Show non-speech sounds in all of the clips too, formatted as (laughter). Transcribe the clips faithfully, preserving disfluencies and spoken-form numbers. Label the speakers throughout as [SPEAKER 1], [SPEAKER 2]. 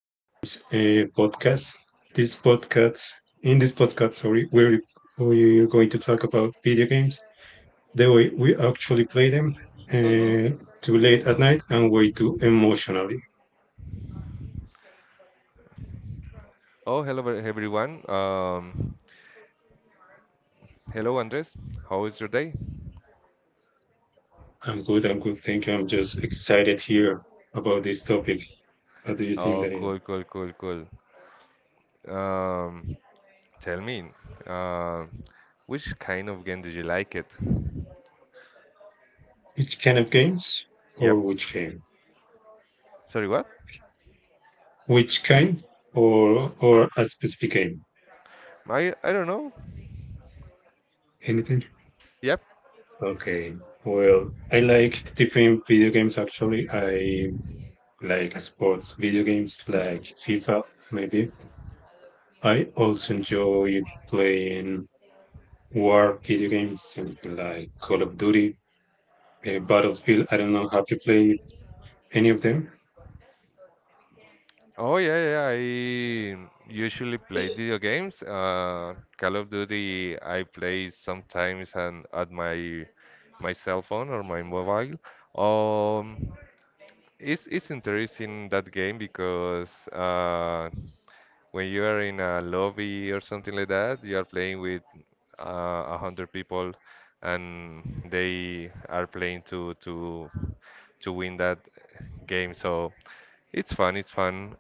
[SPEAKER 1] Video Games uh, podcast. This podcast, in this podcast, sorry, we're we're going to talk about video games, the way we actually play them, uh, too late at night and way too emotionally.
[SPEAKER 2] Oh, hello ver- everyone. Um, hello Andres. How is your day?
[SPEAKER 1] I'm good. I'm good. Thank you. I'm just excited here about this topic. What do you think,
[SPEAKER 2] Oh,
[SPEAKER 1] Daniel?
[SPEAKER 2] cool, cool, cool, cool. Um, tell me, uh, which kind of game did you like it?
[SPEAKER 1] Which kind of games
[SPEAKER 2] Yep.
[SPEAKER 1] or which game?
[SPEAKER 2] Sorry, what?
[SPEAKER 1] Which kind or or a specific game?
[SPEAKER 2] I I don't know.
[SPEAKER 1] Anything?
[SPEAKER 2] Yep.
[SPEAKER 1] Okay. Well, I like different video games actually. I like sports video games like FIFA, maybe. I also enjoy playing war video games something like Call of Duty, uh, Battlefield. I don't know, have you played any of them?
[SPEAKER 2] Oh yeah, yeah, yeah. I usually play video games. Uh, Call of Duty I play sometimes and at my my cell phone or my mobile. Um, It's it's interesting that game because uh, when you are in a lobby or something like that, you are playing with uh, a hundred people, and they are playing to to to win that game. So it's fun. It's fun.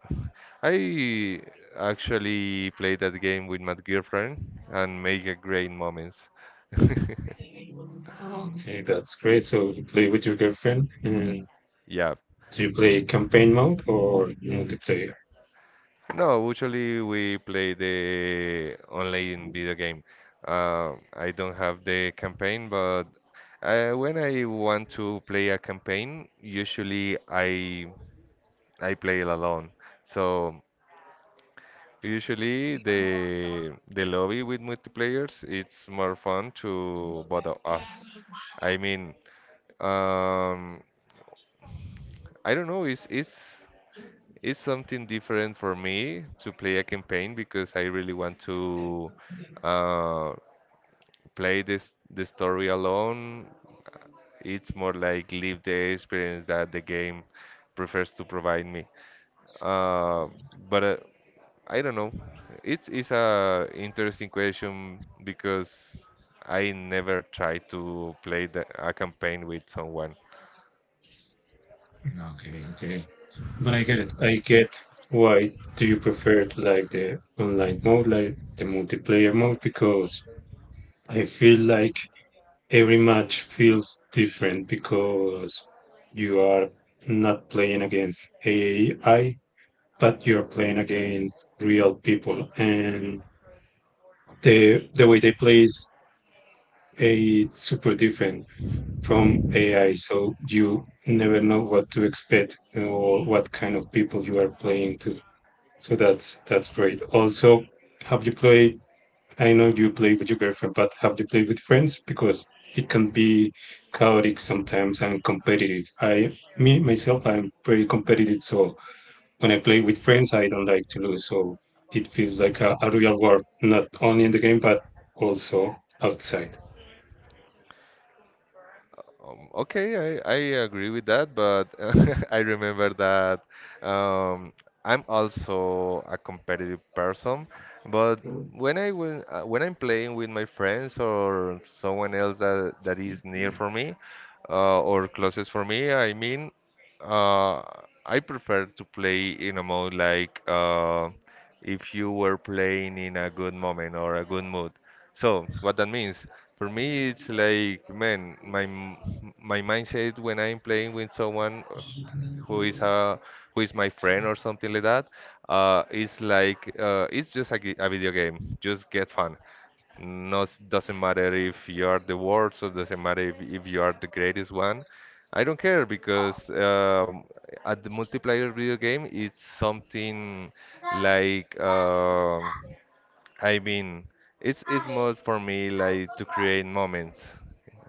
[SPEAKER 2] I actually played that game with my girlfriend and make a great moments. (laughs)
[SPEAKER 1] Okay, that's great. So you play with your girlfriend. And
[SPEAKER 2] Yeah.
[SPEAKER 1] do you play campaign mode or multiplayer?
[SPEAKER 2] No, usually we play the online video game. Uh, I don't have the campaign, but uh, when I want to play a campaign, usually I I play it alone. So usually the the lobby with multiplayers, it's more fun to both of us. I mean, um, I don't know. It's it's it's something different for me to play a campaign because I really want to uh, play this the story alone. It's more like live the experience that the game prefers to provide me. Uh, but uh, I don't know. It's it's a interesting question because I never tried to play the, a campaign with someone.
[SPEAKER 1] Okay, okay. But I get it. I get why do you prefer to like the online mode, like the multiplayer mode, because I feel like every match feels different because you are not playing against A I, but you're playing against real people, and the the way they play is eh, it's super different from A I. So you never know what to expect or what kind of people you are playing to. So that's that's great. Also, have you played? I know you play with your girlfriend, but have you played with friends? Because it can be chaotic sometimes and competitive. I, me myself, I'm pretty competitive, so when I play with friends, I don't like to lose. So it feels like a, a real war, not only in the game but also outside.
[SPEAKER 2] Um, okay, I, I agree with that, but (laughs) I remember that um, I'm also a competitive person. But when I will, uh, when I'm playing with my friends or someone else that, that is near for me uh, or closest for me, I mean, uh, I prefer to play in a mode like uh, if you were playing in a good moment or a good mood. So what that means for me, it's like man, my m- my mindset when I'm playing with someone uh, who is a who is my friend or something like that, uh, is like uh, it's just a, g- a video game. Just get fun. No, doesn't matter if you are the worst, or doesn't matter if, if you are the greatest one. I don't care because um, at the multiplayer video game, it's something like um I mean, it's it's more for me like to create moments.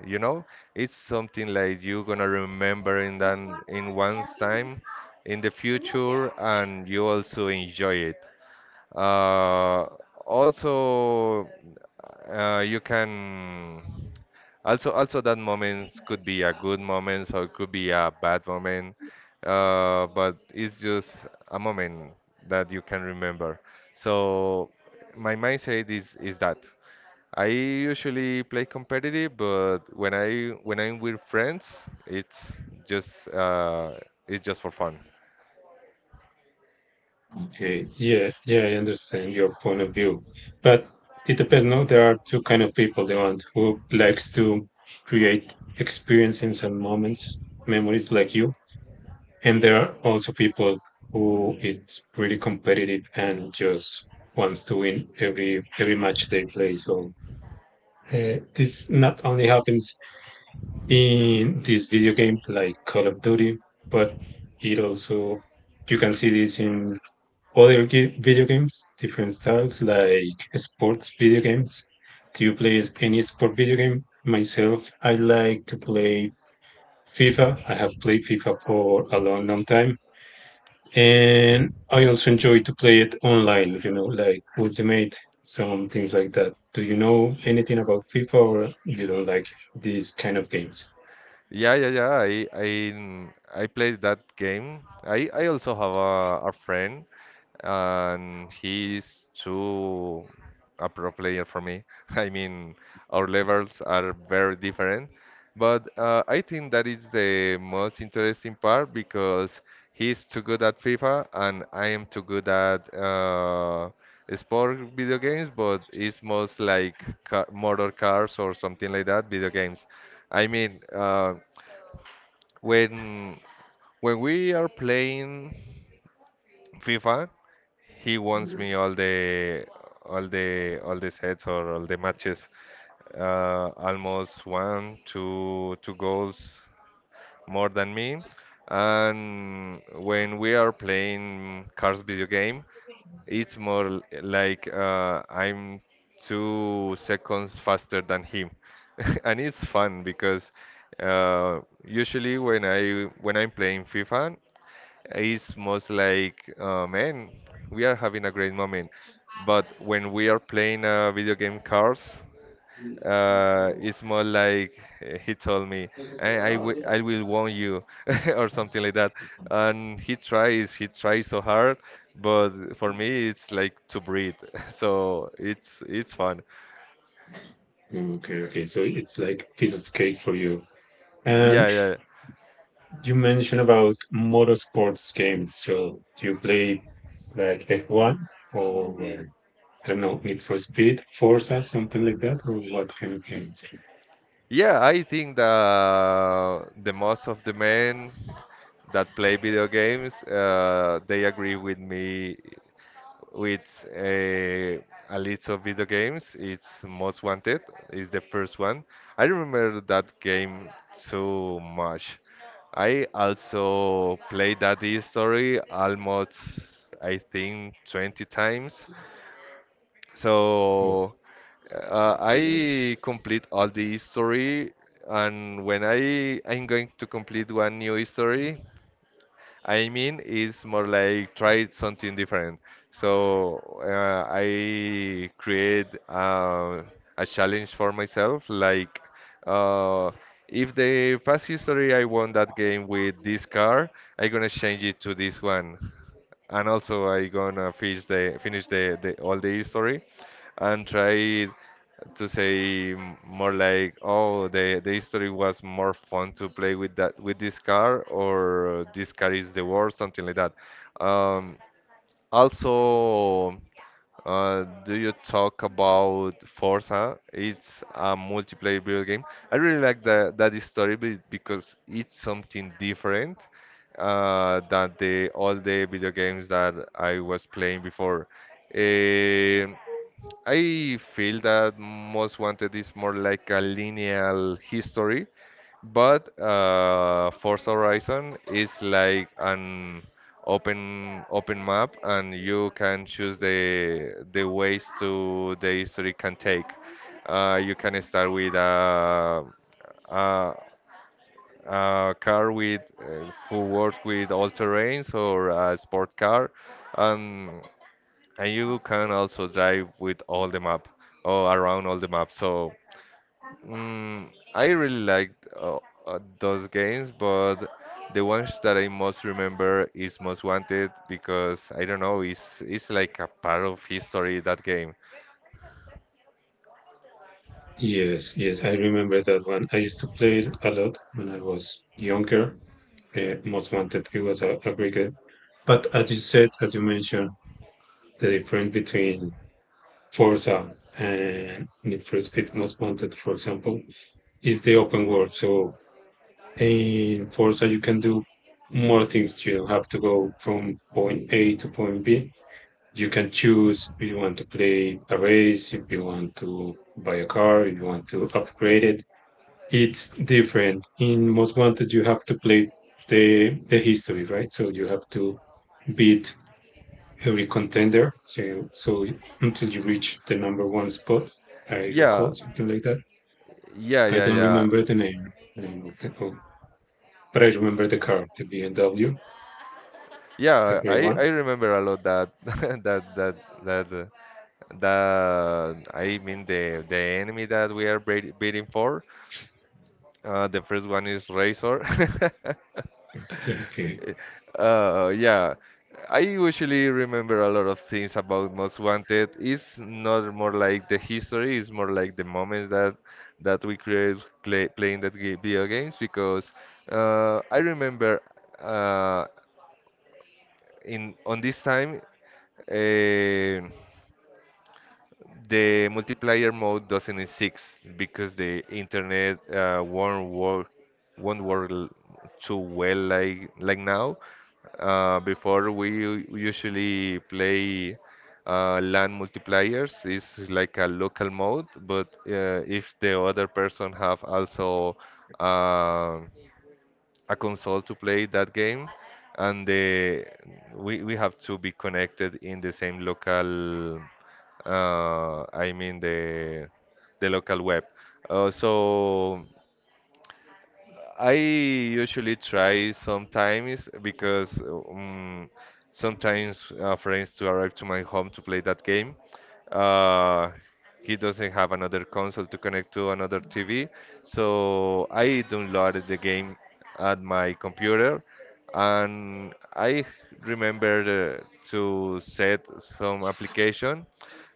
[SPEAKER 2] You know, it's something like you gonna remember in that in one's time in the future, and you also enjoy it. Uh, also, uh, you can also also that moments could be a good moment or it could be a bad moment, uh, but it's just a moment that you can remember. So my mindset is is that. I usually play competitive, but when I when I'm with friends, it's just uh, it's just for fun.
[SPEAKER 1] Okay, yeah, yeah, I understand your point of view, but it depends. No, there are two kind of people: the one who likes to create experiences and moments, memories, like you, and there are also people who is pretty competitive and just wants to win every every match they play. So uh, this not only happens in this video game like Call of Duty, but it also you can see this in other ge- video games, different styles like sports video games. Do you play s- any sport video game? Myself, I like to play FIFA. I have played FIFA for a long, long time. And I also enjoy to play it online, you know, like Ultimate, some things like that. Do you know anything about FIFA or you don't like these kind of games?
[SPEAKER 2] Yeah, yeah, yeah. I I I played that game. I I also have a, a friend, and he's too a pro player for me. (laughs) I mean, our levels are very different, but uh, I think that is the most interesting part because he's too good at FIFA and I am too good at uh, sport video games, but it's most like car motor cars or something like that, video games. I mean, uh, when when we are playing FIFA, he wants me all the all the all the sets or all the matches. Uh, almost one, two, two goals more than me. And when we are playing cars video game, it's more l- like uh, I'm two seconds faster than him, (laughs) and it's fun because uh, usually when I when I'm playing FIFA, it's most like, uh, man, we are having a great moment. But when we are playing uh, video game cars, uh,
[SPEAKER 1] Okay,
[SPEAKER 2] it's more like uh, he told me, I, I, wi- I will warn you, (laughs) or something like that. And he tries, he tries so hard, but for me, it's like to breathe. (laughs) So it's it's fun.
[SPEAKER 1] okay. So it's like piece of cake for you.
[SPEAKER 2] Yeah,
[SPEAKER 1] And
[SPEAKER 2] yeah.
[SPEAKER 1] you mentioned about motorsports games. So do you play like F one or uh, I don't know, Need for Speed, Forza, something like that, or what kind of games?
[SPEAKER 2] Yeah, I think that the most of the men that play video games, uh, they agree with me with a, a list of video games. It's Most Wanted is the first one. I remember that game so much. I also played that story almost, I think, twenty times. So uh,
[SPEAKER 1] Yes.
[SPEAKER 2] I complete all the history, and when I I'm going to complete one new history, I mean it's more like try something different. So uh, I create uh, a challenge for myself, like uh, if the past history I won that game with this car, I'm gonna change it to this one and also I gonna finish the finish the, the all the history and try to say m- more like oh the the history was more fun to play with that with this car or this car is the worst something like that. Um, also, uh, do you talk about Forza? It's a multiplayer video game. I really like that that story be- because it's something different uh, than the all the video games that I was playing before. Um I feel that Most Wanted is more like a lineal history, but uh, Forza Horizon is like an open open map, and you can choose the the ways to the history can take. Uh, you can start with uh, uh, a car with uh, who works with all terrains or a sport car, and and you can also drive with all the map or around all the map. So mm, I really liked uh, uh, those games, but the ones that I most remember is Most Wanted because I don't know, it's it's like a part of history that game.
[SPEAKER 1] Yes, yes, I remember that one. I used to play it a lot when I was younger. Uh, Most Wanted, it was a, a great game. But as you said, as you mentioned, the difference between Forza and Need for Speed Most Wanted, for example, is the open world. So in Forza, you can do more things. You don't have to go from point A to point B. You can choose if you want to play a race, if you want to buy a car, if you want to upgrade it it's different. In Most Wanted, you have to play the the history, right? So you have to beat every contender. So so until you reach the number one spot, I
[SPEAKER 2] Yeah,
[SPEAKER 1] recall something like that.
[SPEAKER 2] yeah,
[SPEAKER 1] I
[SPEAKER 2] yeah,
[SPEAKER 1] don't
[SPEAKER 2] yeah.
[SPEAKER 1] remember the name, the name of the oh, but I remember the car, the B M W, a
[SPEAKER 2] Yeah,
[SPEAKER 1] gray
[SPEAKER 2] I,
[SPEAKER 1] one.
[SPEAKER 2] I remember a lot that (laughs) that that that uh, that I mean the the enemy that we are bra- beating for. Uh, the first one is Razor. (laughs)
[SPEAKER 1] Okay,
[SPEAKER 2] Uh, yeah, I usually remember a lot of things about Most Wanted. It's not more like the history; it's more like the moments that that we create play, playing that ga- video games. Because uh, I remember uh, in on this time. eh, the multiplayer mode doesn't exist because the internet uh, won't work won't work l- too well like like now. Uh, before we u- usually play uh, LAN multipliers is like a local mode, but uh, if the other person have also uh, a console to play that game, and the we we have to be connected in the same local. Uh, I mean the the local web. Uh, so I usually try sometimes because um, sometimes uh, friends to arrive to my home to play that game. Uh, he doesn't have another console to connect to another T V, so I downloaded the game at my computer and I remembered uh, to set some application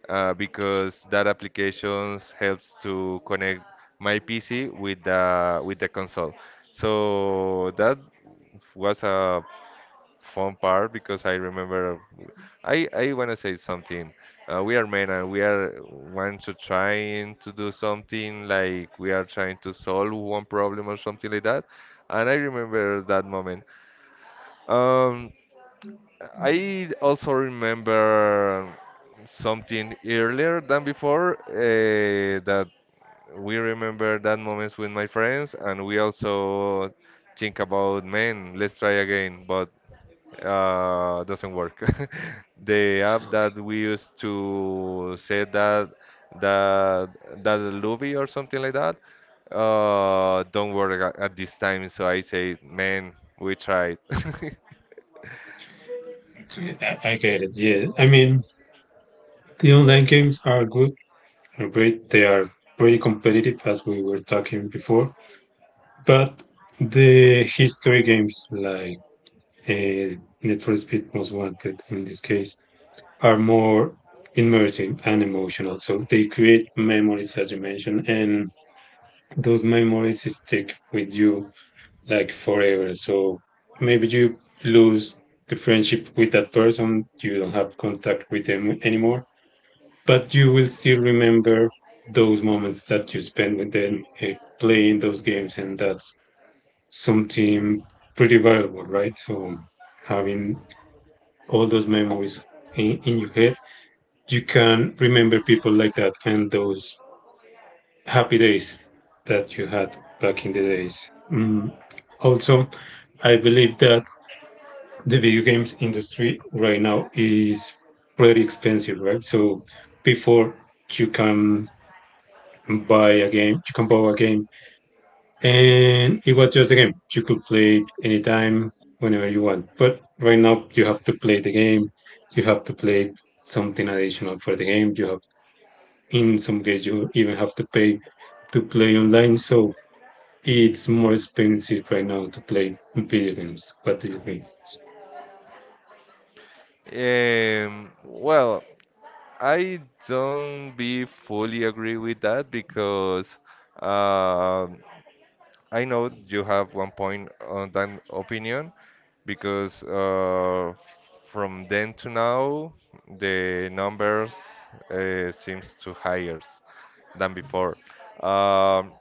[SPEAKER 2] uh, because that applications helps to connect my P C with the with the console. So that was a fun part because I remember I I want to say something. Uh, we are men and we are want to trying to do something like we are trying to solve one problem or something like that. And I remember that moment. Um, I also remember something earlier than before uh, that we remember that moments with my friends, and we also think about, man, let's try again, but uh, doesn't work. (laughs) The app that we used to say that that that Luby or something like that, uh, don't work at, at this time. So I say, man, we tried. (laughs)
[SPEAKER 1] okay, I I get it. Yeah, I mean the online games are good, are great. They are pretty competitive, as we were talking before. But the history games like uh, Need for Speed Most Wanted in this case are more immersive and emotional. So they create memories, as you mentioned, and those memories stick with you like forever. So maybe you lose the friendship with that person, you don't have contact with them anymore, but you will still remember those moments that you spend with them uh, playing those games, and that's something pretty valuable, right? So having all those memories in, in your head, you can remember people like that and those happy days that you had back in the days. Mm. Also, I believe that the video games industry right now is pretty expensive, right? So before you can buy a game, you can buy a game and it was just a game. You could play it anytime, whenever you want. But right now, you have to play the game. You have to play something additional for the game. You have, in some cases, you even have to pay to play online. So it's more expensive right now to play video games. What do you think?
[SPEAKER 2] Um, well, I don't be fully agree with that because um I know you have one point on that opinion because uh, from then to now the numbers uh, seems to higher than before. Um,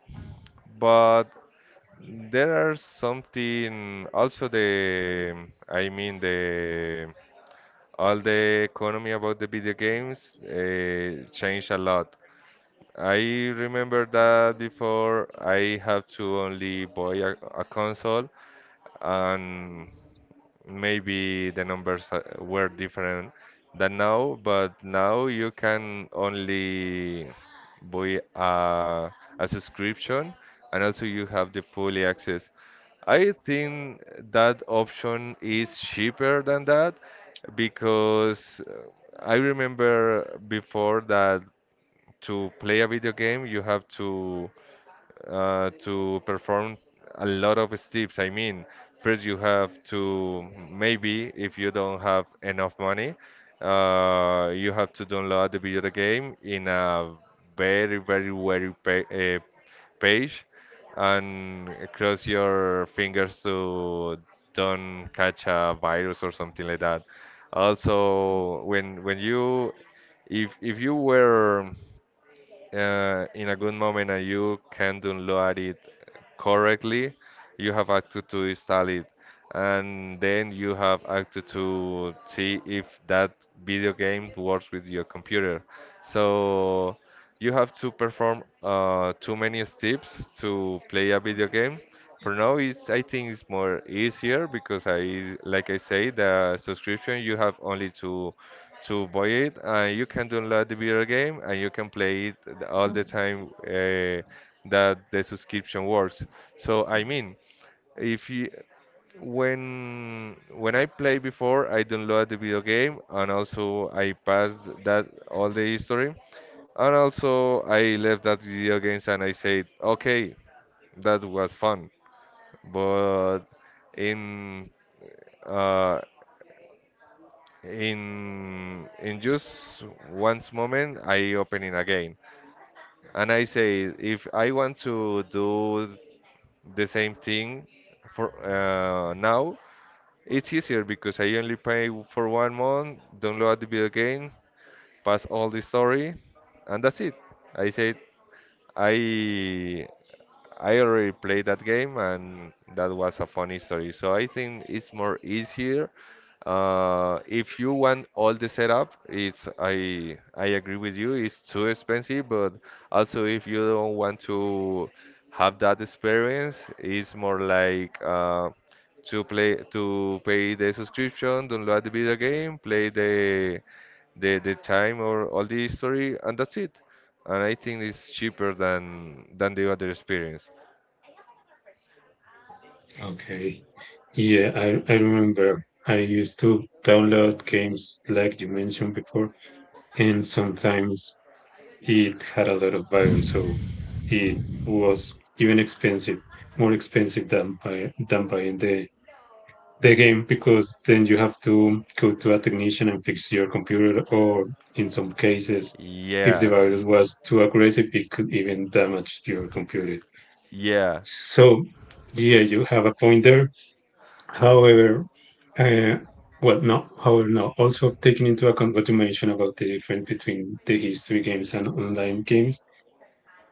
[SPEAKER 2] but there are something also the I mean the all the economy about the video games uh, changed a lot. I remember that before I have to only buy a, a console and maybe the numbers uh, were different than now, but now you can only buy a, a subscription and also you have the fully access. I think that option is cheaper than that because uh, I remember before that to play a video game you have to uh, to perform a lot of steps. I mean, first you have to maybe if you don't have enough money, uh, you have to download the video game in a very very very pa- uh, page and cross your fingers to don't catch a virus or something like that. Also, when when you if if you were uh, in a good moment and you can download it correctly, you have access to install it. And then you have access to see if that video game works with your computer. So you have to perform uh, too many steps to play a video game. For now, it's I think it's more easier because I, like I say, the subscription you have only to to buy it, and you can download the video game and you can play it all the time uh, that the subscription works. So I mean, if you, when when I play before, I download the video game and also I passed that all the history, and also I left that video games and I said, okay, that was fun. But in uh, in in just once moment I open it again and I say if I want to do the same thing for uh, now. It's easier because I only pay for one month, download the video game, pass all the story, and that's it. I said I I already played that game and that was a funny story. So I think it's more easier. Uh, if you want all the setup, it's I I agree with you. It's too expensive, but also if you don't want to have that experience, it's more like uh, to play to pay the subscription, download the video game, play the the the time or all the history, and that's it. And I think it's cheaper than than the other experience.
[SPEAKER 1] Okay. Yeah, I, I remember I used to download games like you mentioned before, and sometimes it had a lot of value, so it was even expensive, more expensive than by than buying the the game because then you have to go to a technician and fix your computer, or in some cases, if the
[SPEAKER 2] Yeah,
[SPEAKER 1] virus was too aggressive, it could even damage your computer.
[SPEAKER 2] yeah,
[SPEAKER 1] So, yeah, you have a point there. However, uh, well, no, however, no. Also, taking into account what you mentioned about the difference between the history games and online games,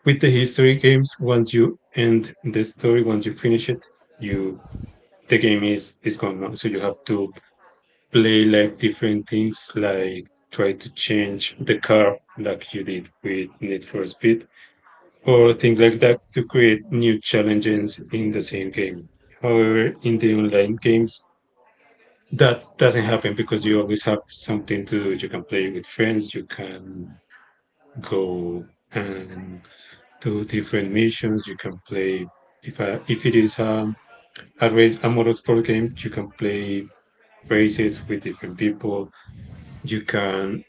[SPEAKER 1] with the history games, once you end the story, once you finish it, you the game is is gone now. So you have to play like different things, like try to change the car, like you did with Need for Speed, or things like that, to create new challenges in the same game. However, in the online games, that doesn't happen because you always have something to do. You can play with friends, you can go and two different missions. You can play if I, if it is um, a race a motorsport game, you can play races with different people. You can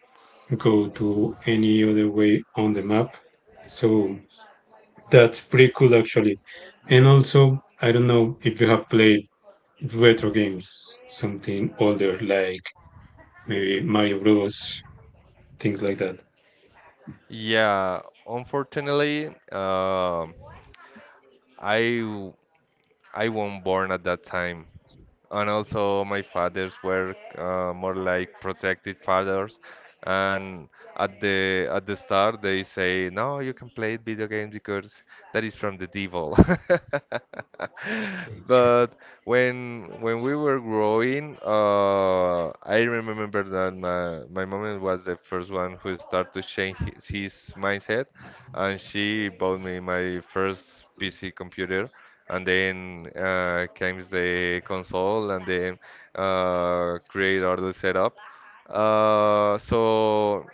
[SPEAKER 1] go to any other way on the map. So that's pretty cool actually. And also, I don't know if you have played retro games, something older like maybe Mario Bros, things like that.
[SPEAKER 2] yeah. Unfortunately, um, I w- I wasn't born at that time, and also my fathers were uh, more like protective fathers. And at the at the start they say, no, you can play video games because that is from the devil (laughs)
[SPEAKER 1] Okay.
[SPEAKER 2] but when when we were growing, uh, I remember that my, my mom was the first one who started to change his, his mindset, and she bought me my first P C computer. And then uh, comes the console, and then uh, create all the setup. Uh, so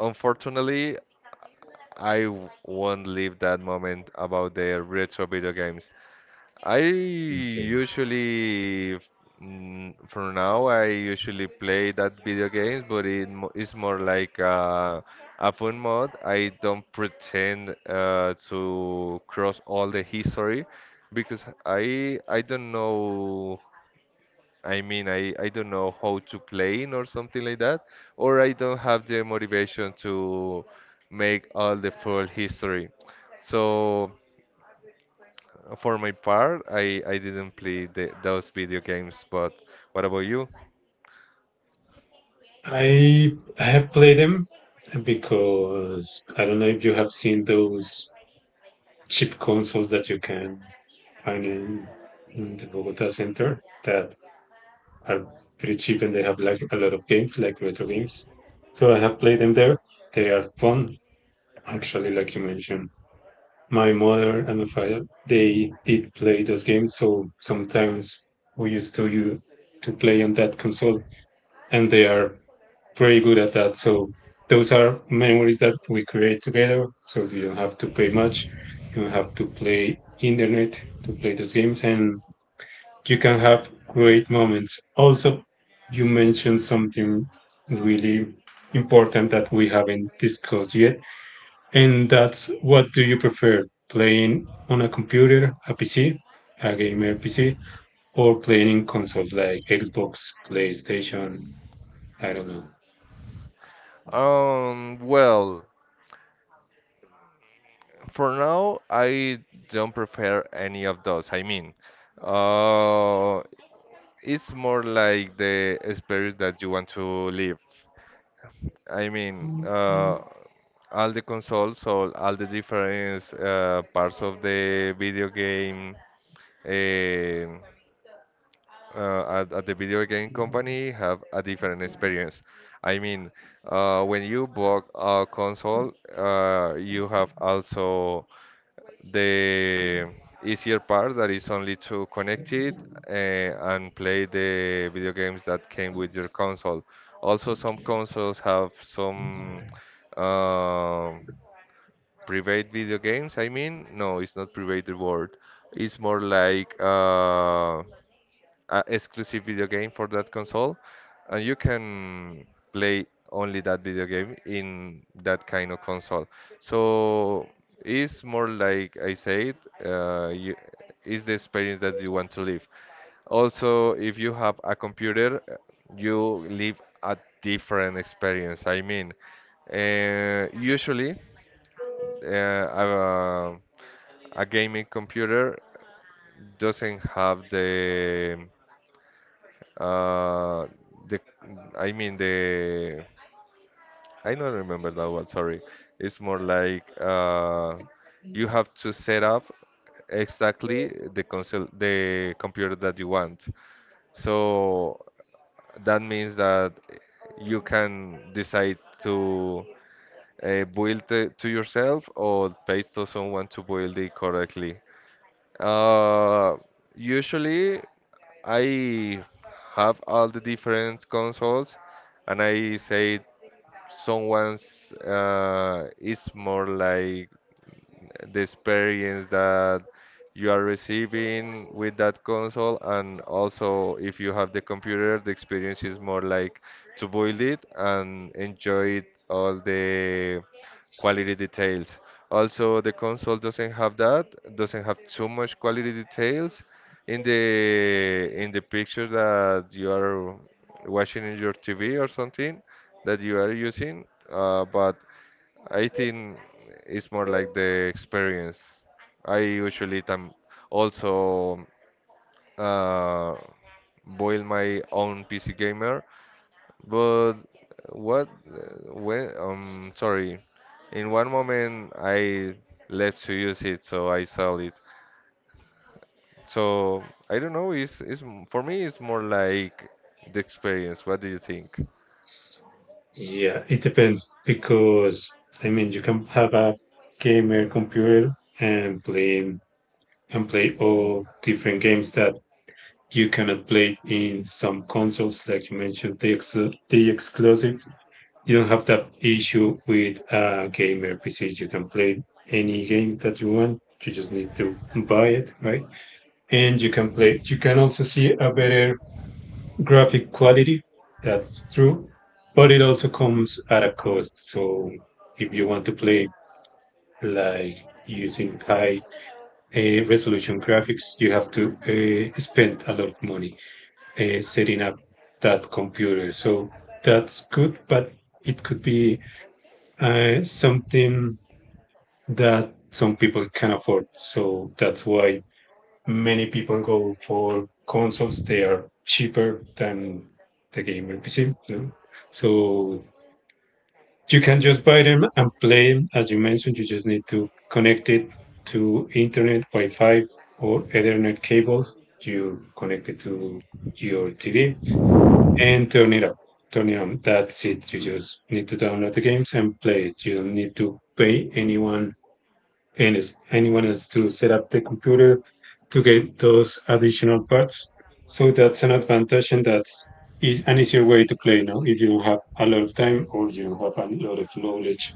[SPEAKER 2] unfortunately, I w- won't leave that moment about the retro video games. I
[SPEAKER 1] Okay.
[SPEAKER 2] usually, mm, for now, I usually play that video games, but it mo it's more like uh, a fun mode. I don't pretend uh, to cross all the history because I I don't know. I mean, I I don't know how to play in or something like that, or I don't have the motivation to make all the full history. So. Uh, For my part, I, I didn't play the, those video games, but what about you?
[SPEAKER 1] I have played them because I don't know if you have seen those cheap consoles that you can find in, in the Bogota center that are pretty cheap and they have like a lot of games, like retro games. So I have played them there. They are fun, actually, like you mentioned. My mother and my father, they did play those games, so sometimes we used to you to play on that console and they are pretty good at that. So those are memories that we create together. So you don't have to pay much. You don't have to play internet to play those games, and you can have great moments. Also, you mentioned something really important that we haven't discussed yet, and that's what do you prefer playing on a computer, a P C, a gamer P C, or playing in console like Xbox, PlayStation? I don't know.
[SPEAKER 2] Um, well, for now, I don't prefer any of those. I mean, uh, it's more like the experience that you want to live. I mean, uh, all the consoles, all, all the different uh, parts of the video game. eh, uh, at, at the video game company have a different experience. I mean, uh, when you bought a console, uh, you have also the easier part that is only to connect it uh, and play the video games that came with your console. Also, some consoles have some um private video games. I mean, no, it's not private word. It's more like uh, uh, exclusive video game for that console, and you can play only that video game in that kind of console. So it's more like I said, uh, you, it's the experience that you want to live. Also, if you have a computer, uh, you live a different experience. I mean, uh, usually uh, a, a gaming computer doesn't have the uh, the I mean the I don't remember that one. Sorry, it's more like uh, you have to set up exactly the console, the computer that you want. So that means that you can decide to uh, build it to yourself or pay to someone to build it correctly. Uh, Usually I have all the different consoles, and I say someone's uh, is more like the experience that you are receiving with that console. And also if you have the computer, the experience is more like to build it and enjoy it, all the quality details. Also, the console doesn't have that, doesn't have too much quality details in the in the picture that you are watching in your T V or something that you are using. Uh, but I think it's more like the experience. I usually tam also uh, boil my own P C gamer, but what uh, when um sorry, in one moment I left to use it, so I sold it. So I don't know. It's it's m- for me it's more like the experience. What do you think?
[SPEAKER 1] Yeah, it depends because I mean you can have a gamer computer and play and play all different games that you cannot play in some consoles, like you mentioned, the ex the exclusives. You don't have that issue with a gamer P C. You can play any game that you want. You just need to buy it, right? And you can play. You can also see a better graphic quality. That's true, but it also comes at a cost. So if you want to play like using high uh, resolution graphics, you have to uh, spend a lot of money uh, setting up that computer. So that's good, but it could be uh, something that some people can afford. So that's why many people go for consoles. They are cheaper than the gamer P C. You know? So you can just buy them and play them. As you mentioned, you just need to connect it to internet, Wi-Fi, or Ethernet cables. You connect it to your T V and turn it up. Turn it on. That's it. You just need to download the games and play it. You don't need to pay anyone and is anyone else to set up the computer to get those additional parts. So that's an advantage, and that's is an easier way to play now. If you don't have a lot of time or you don't have a lot of knowledge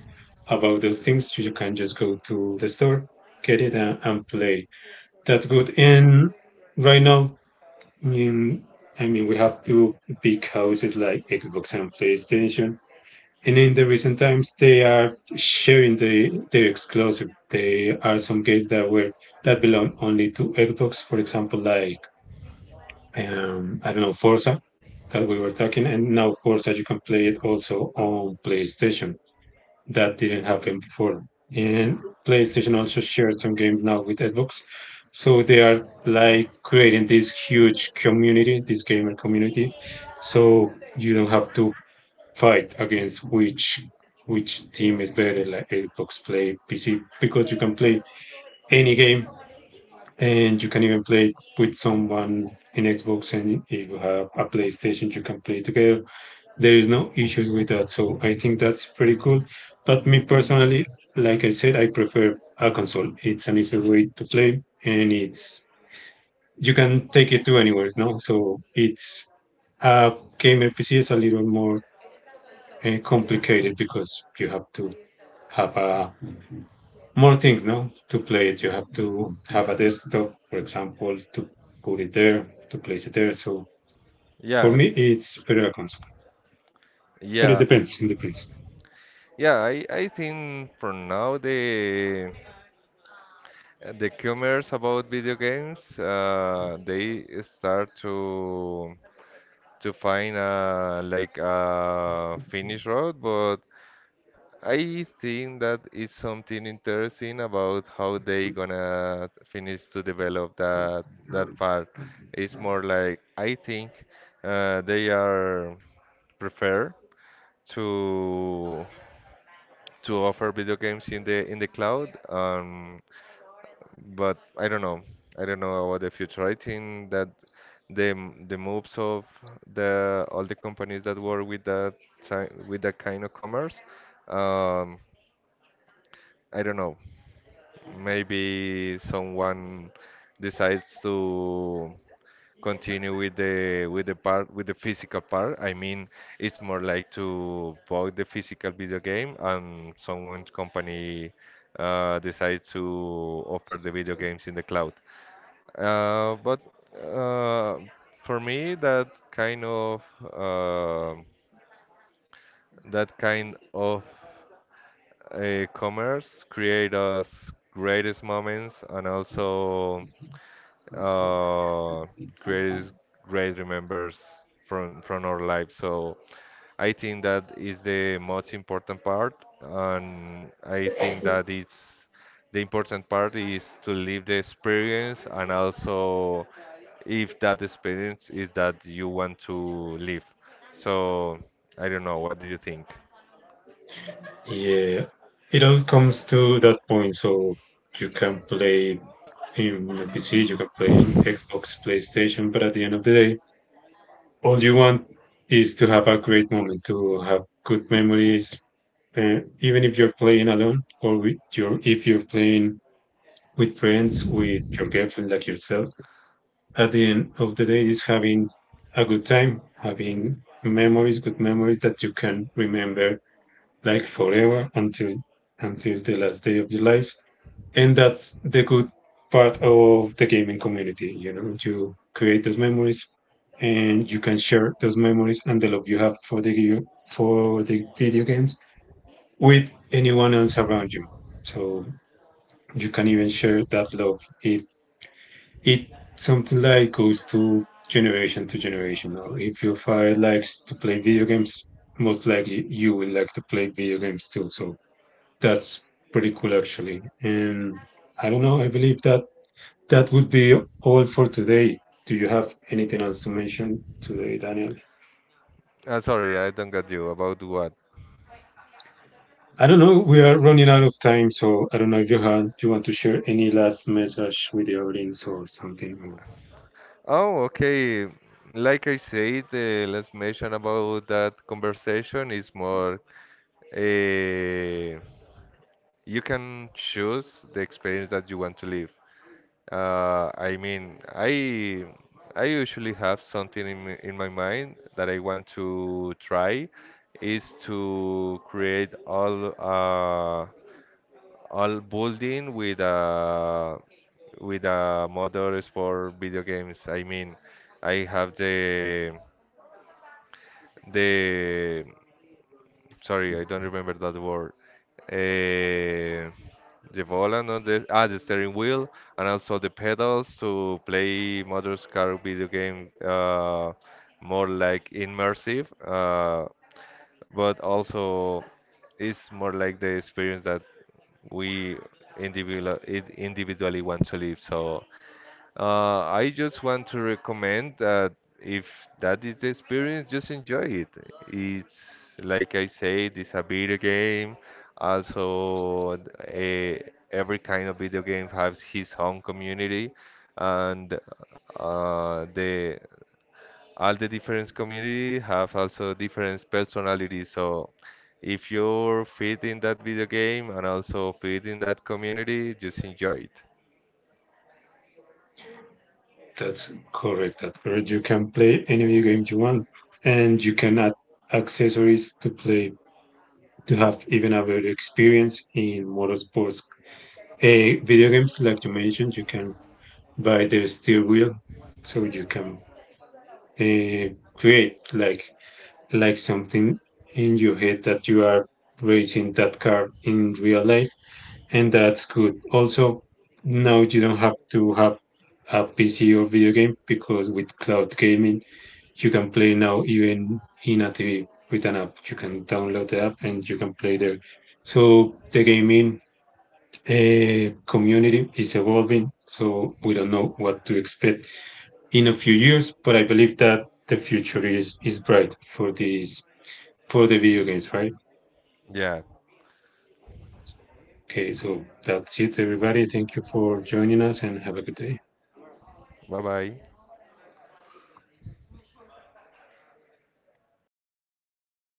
[SPEAKER 1] about those things, you can just go to the store, get it, and, and play. That's good. And right now, I mean, I mean, we have two big houses like Xbox and PlayStation, and in the recent times, they are sharing the their exclusive. There are some games that were that belong only to Xbox, for example, like um, I don't know Forza that we were talking, and now Forza you can play it also on PlayStation. That didn't happen before. And PlayStation also shared some games now with Xbox, so they are like creating this huge community, this gamer community. So you don't have to fight against which which team is better like Xbox play P C because you can play any game and you can even play with someone in Xbox and if you have a PlayStation you can play together. There is no issues with that. So I think that's pretty cool. But me personally, like I said, I prefer a console. It's an easier way to play and it's you can take it to anywhere, no? So it's a gamer P C is a little more eh, complicated because you have to have uh, more things, no? To play it, you have to have a desktop, for example, to put it there, to place it there. So for
[SPEAKER 2] Yeah,
[SPEAKER 1] me, it's better a console, but it
[SPEAKER 2] yeah,
[SPEAKER 1] depends. It depends.
[SPEAKER 2] yeah. I I think for now the And the cumers about video games, uh, they start to to find uh, like a finish road, but I think that is something interesting about how they gonna finish to develop that that part. It's more like I think uh, they are prefer to to offer video games in the in the cloud. Um, but I don't know. I don't know about the future. I think that the m- the moves of the all the companies that work with that ti- with that kind of commerce, um, I don't know. Maybe someone decides to continue with the with the part with the physical part. I mean, it's more like to buy the physical video game, and someone's company uh, decides to offer the video games in the cloud. Uh, but uh, for me, that kind of uh, that kind of uh, commerce create us greatest moments, and also uh, greatest great remembers from from our life. So I think that is the most important part, and I think that it's the important part is to live the experience, and also if that experience is that you want to live. So I don't know. What do you think?
[SPEAKER 1] Yeah, it all comes to that point. So you can play in a P C, you can play in Xbox, PlayStation, but at the end of the day, all you want is to have a great moment, to have good memories, uh, even if you're playing alone or with your if you're playing with friends, with your girlfriend, like yourself. At the end of the day, is having a good time, having memories, good memories that you can remember like forever until until the last day of your life and that's the good part of the gaming community. You know, you create those memories, and you can share those memories and the love you have for the for the video games with anyone else around you. So you can even share that love. It it something like goes to generation to generation. Now, if your father likes to play video games, most likely you will like to play video games too. So that's pretty cool actually. And I don't know. I believe that that would be all for today. Do you have anything else to mention today, Daniel?
[SPEAKER 2] Uh, sorry, I don't get you about what.
[SPEAKER 1] I don't know. We are running out of time, so I don't know if you have, you want to share any last message with the audience or something.
[SPEAKER 2] Oh, okay. Like I said, the last mention about that conversation is more uh, you can choose the experience that you want to live. Uh, I mean, I I usually have something in my, in my mind that I want to try is to create all uh, all building with a with a model for video games. I mean, I have the the sorry, I don't remember that word. Uh, the volant on the ah the steering wheel and also the pedals to play Motors Car video game, uh, more like immersive. Uh, but also it's more like the experience that we individual individually want to live. So uh, I just want to recommend that if that is the experience, just enjoy it. It's like I said, it's a video game. Also, a, every kind of video game has his own community, and uh, the all the different community have also different personalities. So, if you're fit in that video game and also fit in that community, just enjoy it.
[SPEAKER 1] That's correct. At Bird, you can play any video game you want, and you can add accessories to play to have even a better experience in motorsports. Uh, video games, like you mentioned, you can buy the steering wheel, so you can uh, create like like something in your head that you are racing that car in real life, and that's good. Also, now you don't have to have a P C or video game because with cloud gaming, you can play now even in a T V with an app. You can download the app and you can play there. So the gaming uh, community is evolving, so we don't know what to expect in a few years, but I believe that the future is is bright for this for the video games, right?
[SPEAKER 2] Yeah.
[SPEAKER 1] Okay, so that's it, everybody. Thank you for joining us and have a good day.
[SPEAKER 2] Bye bye.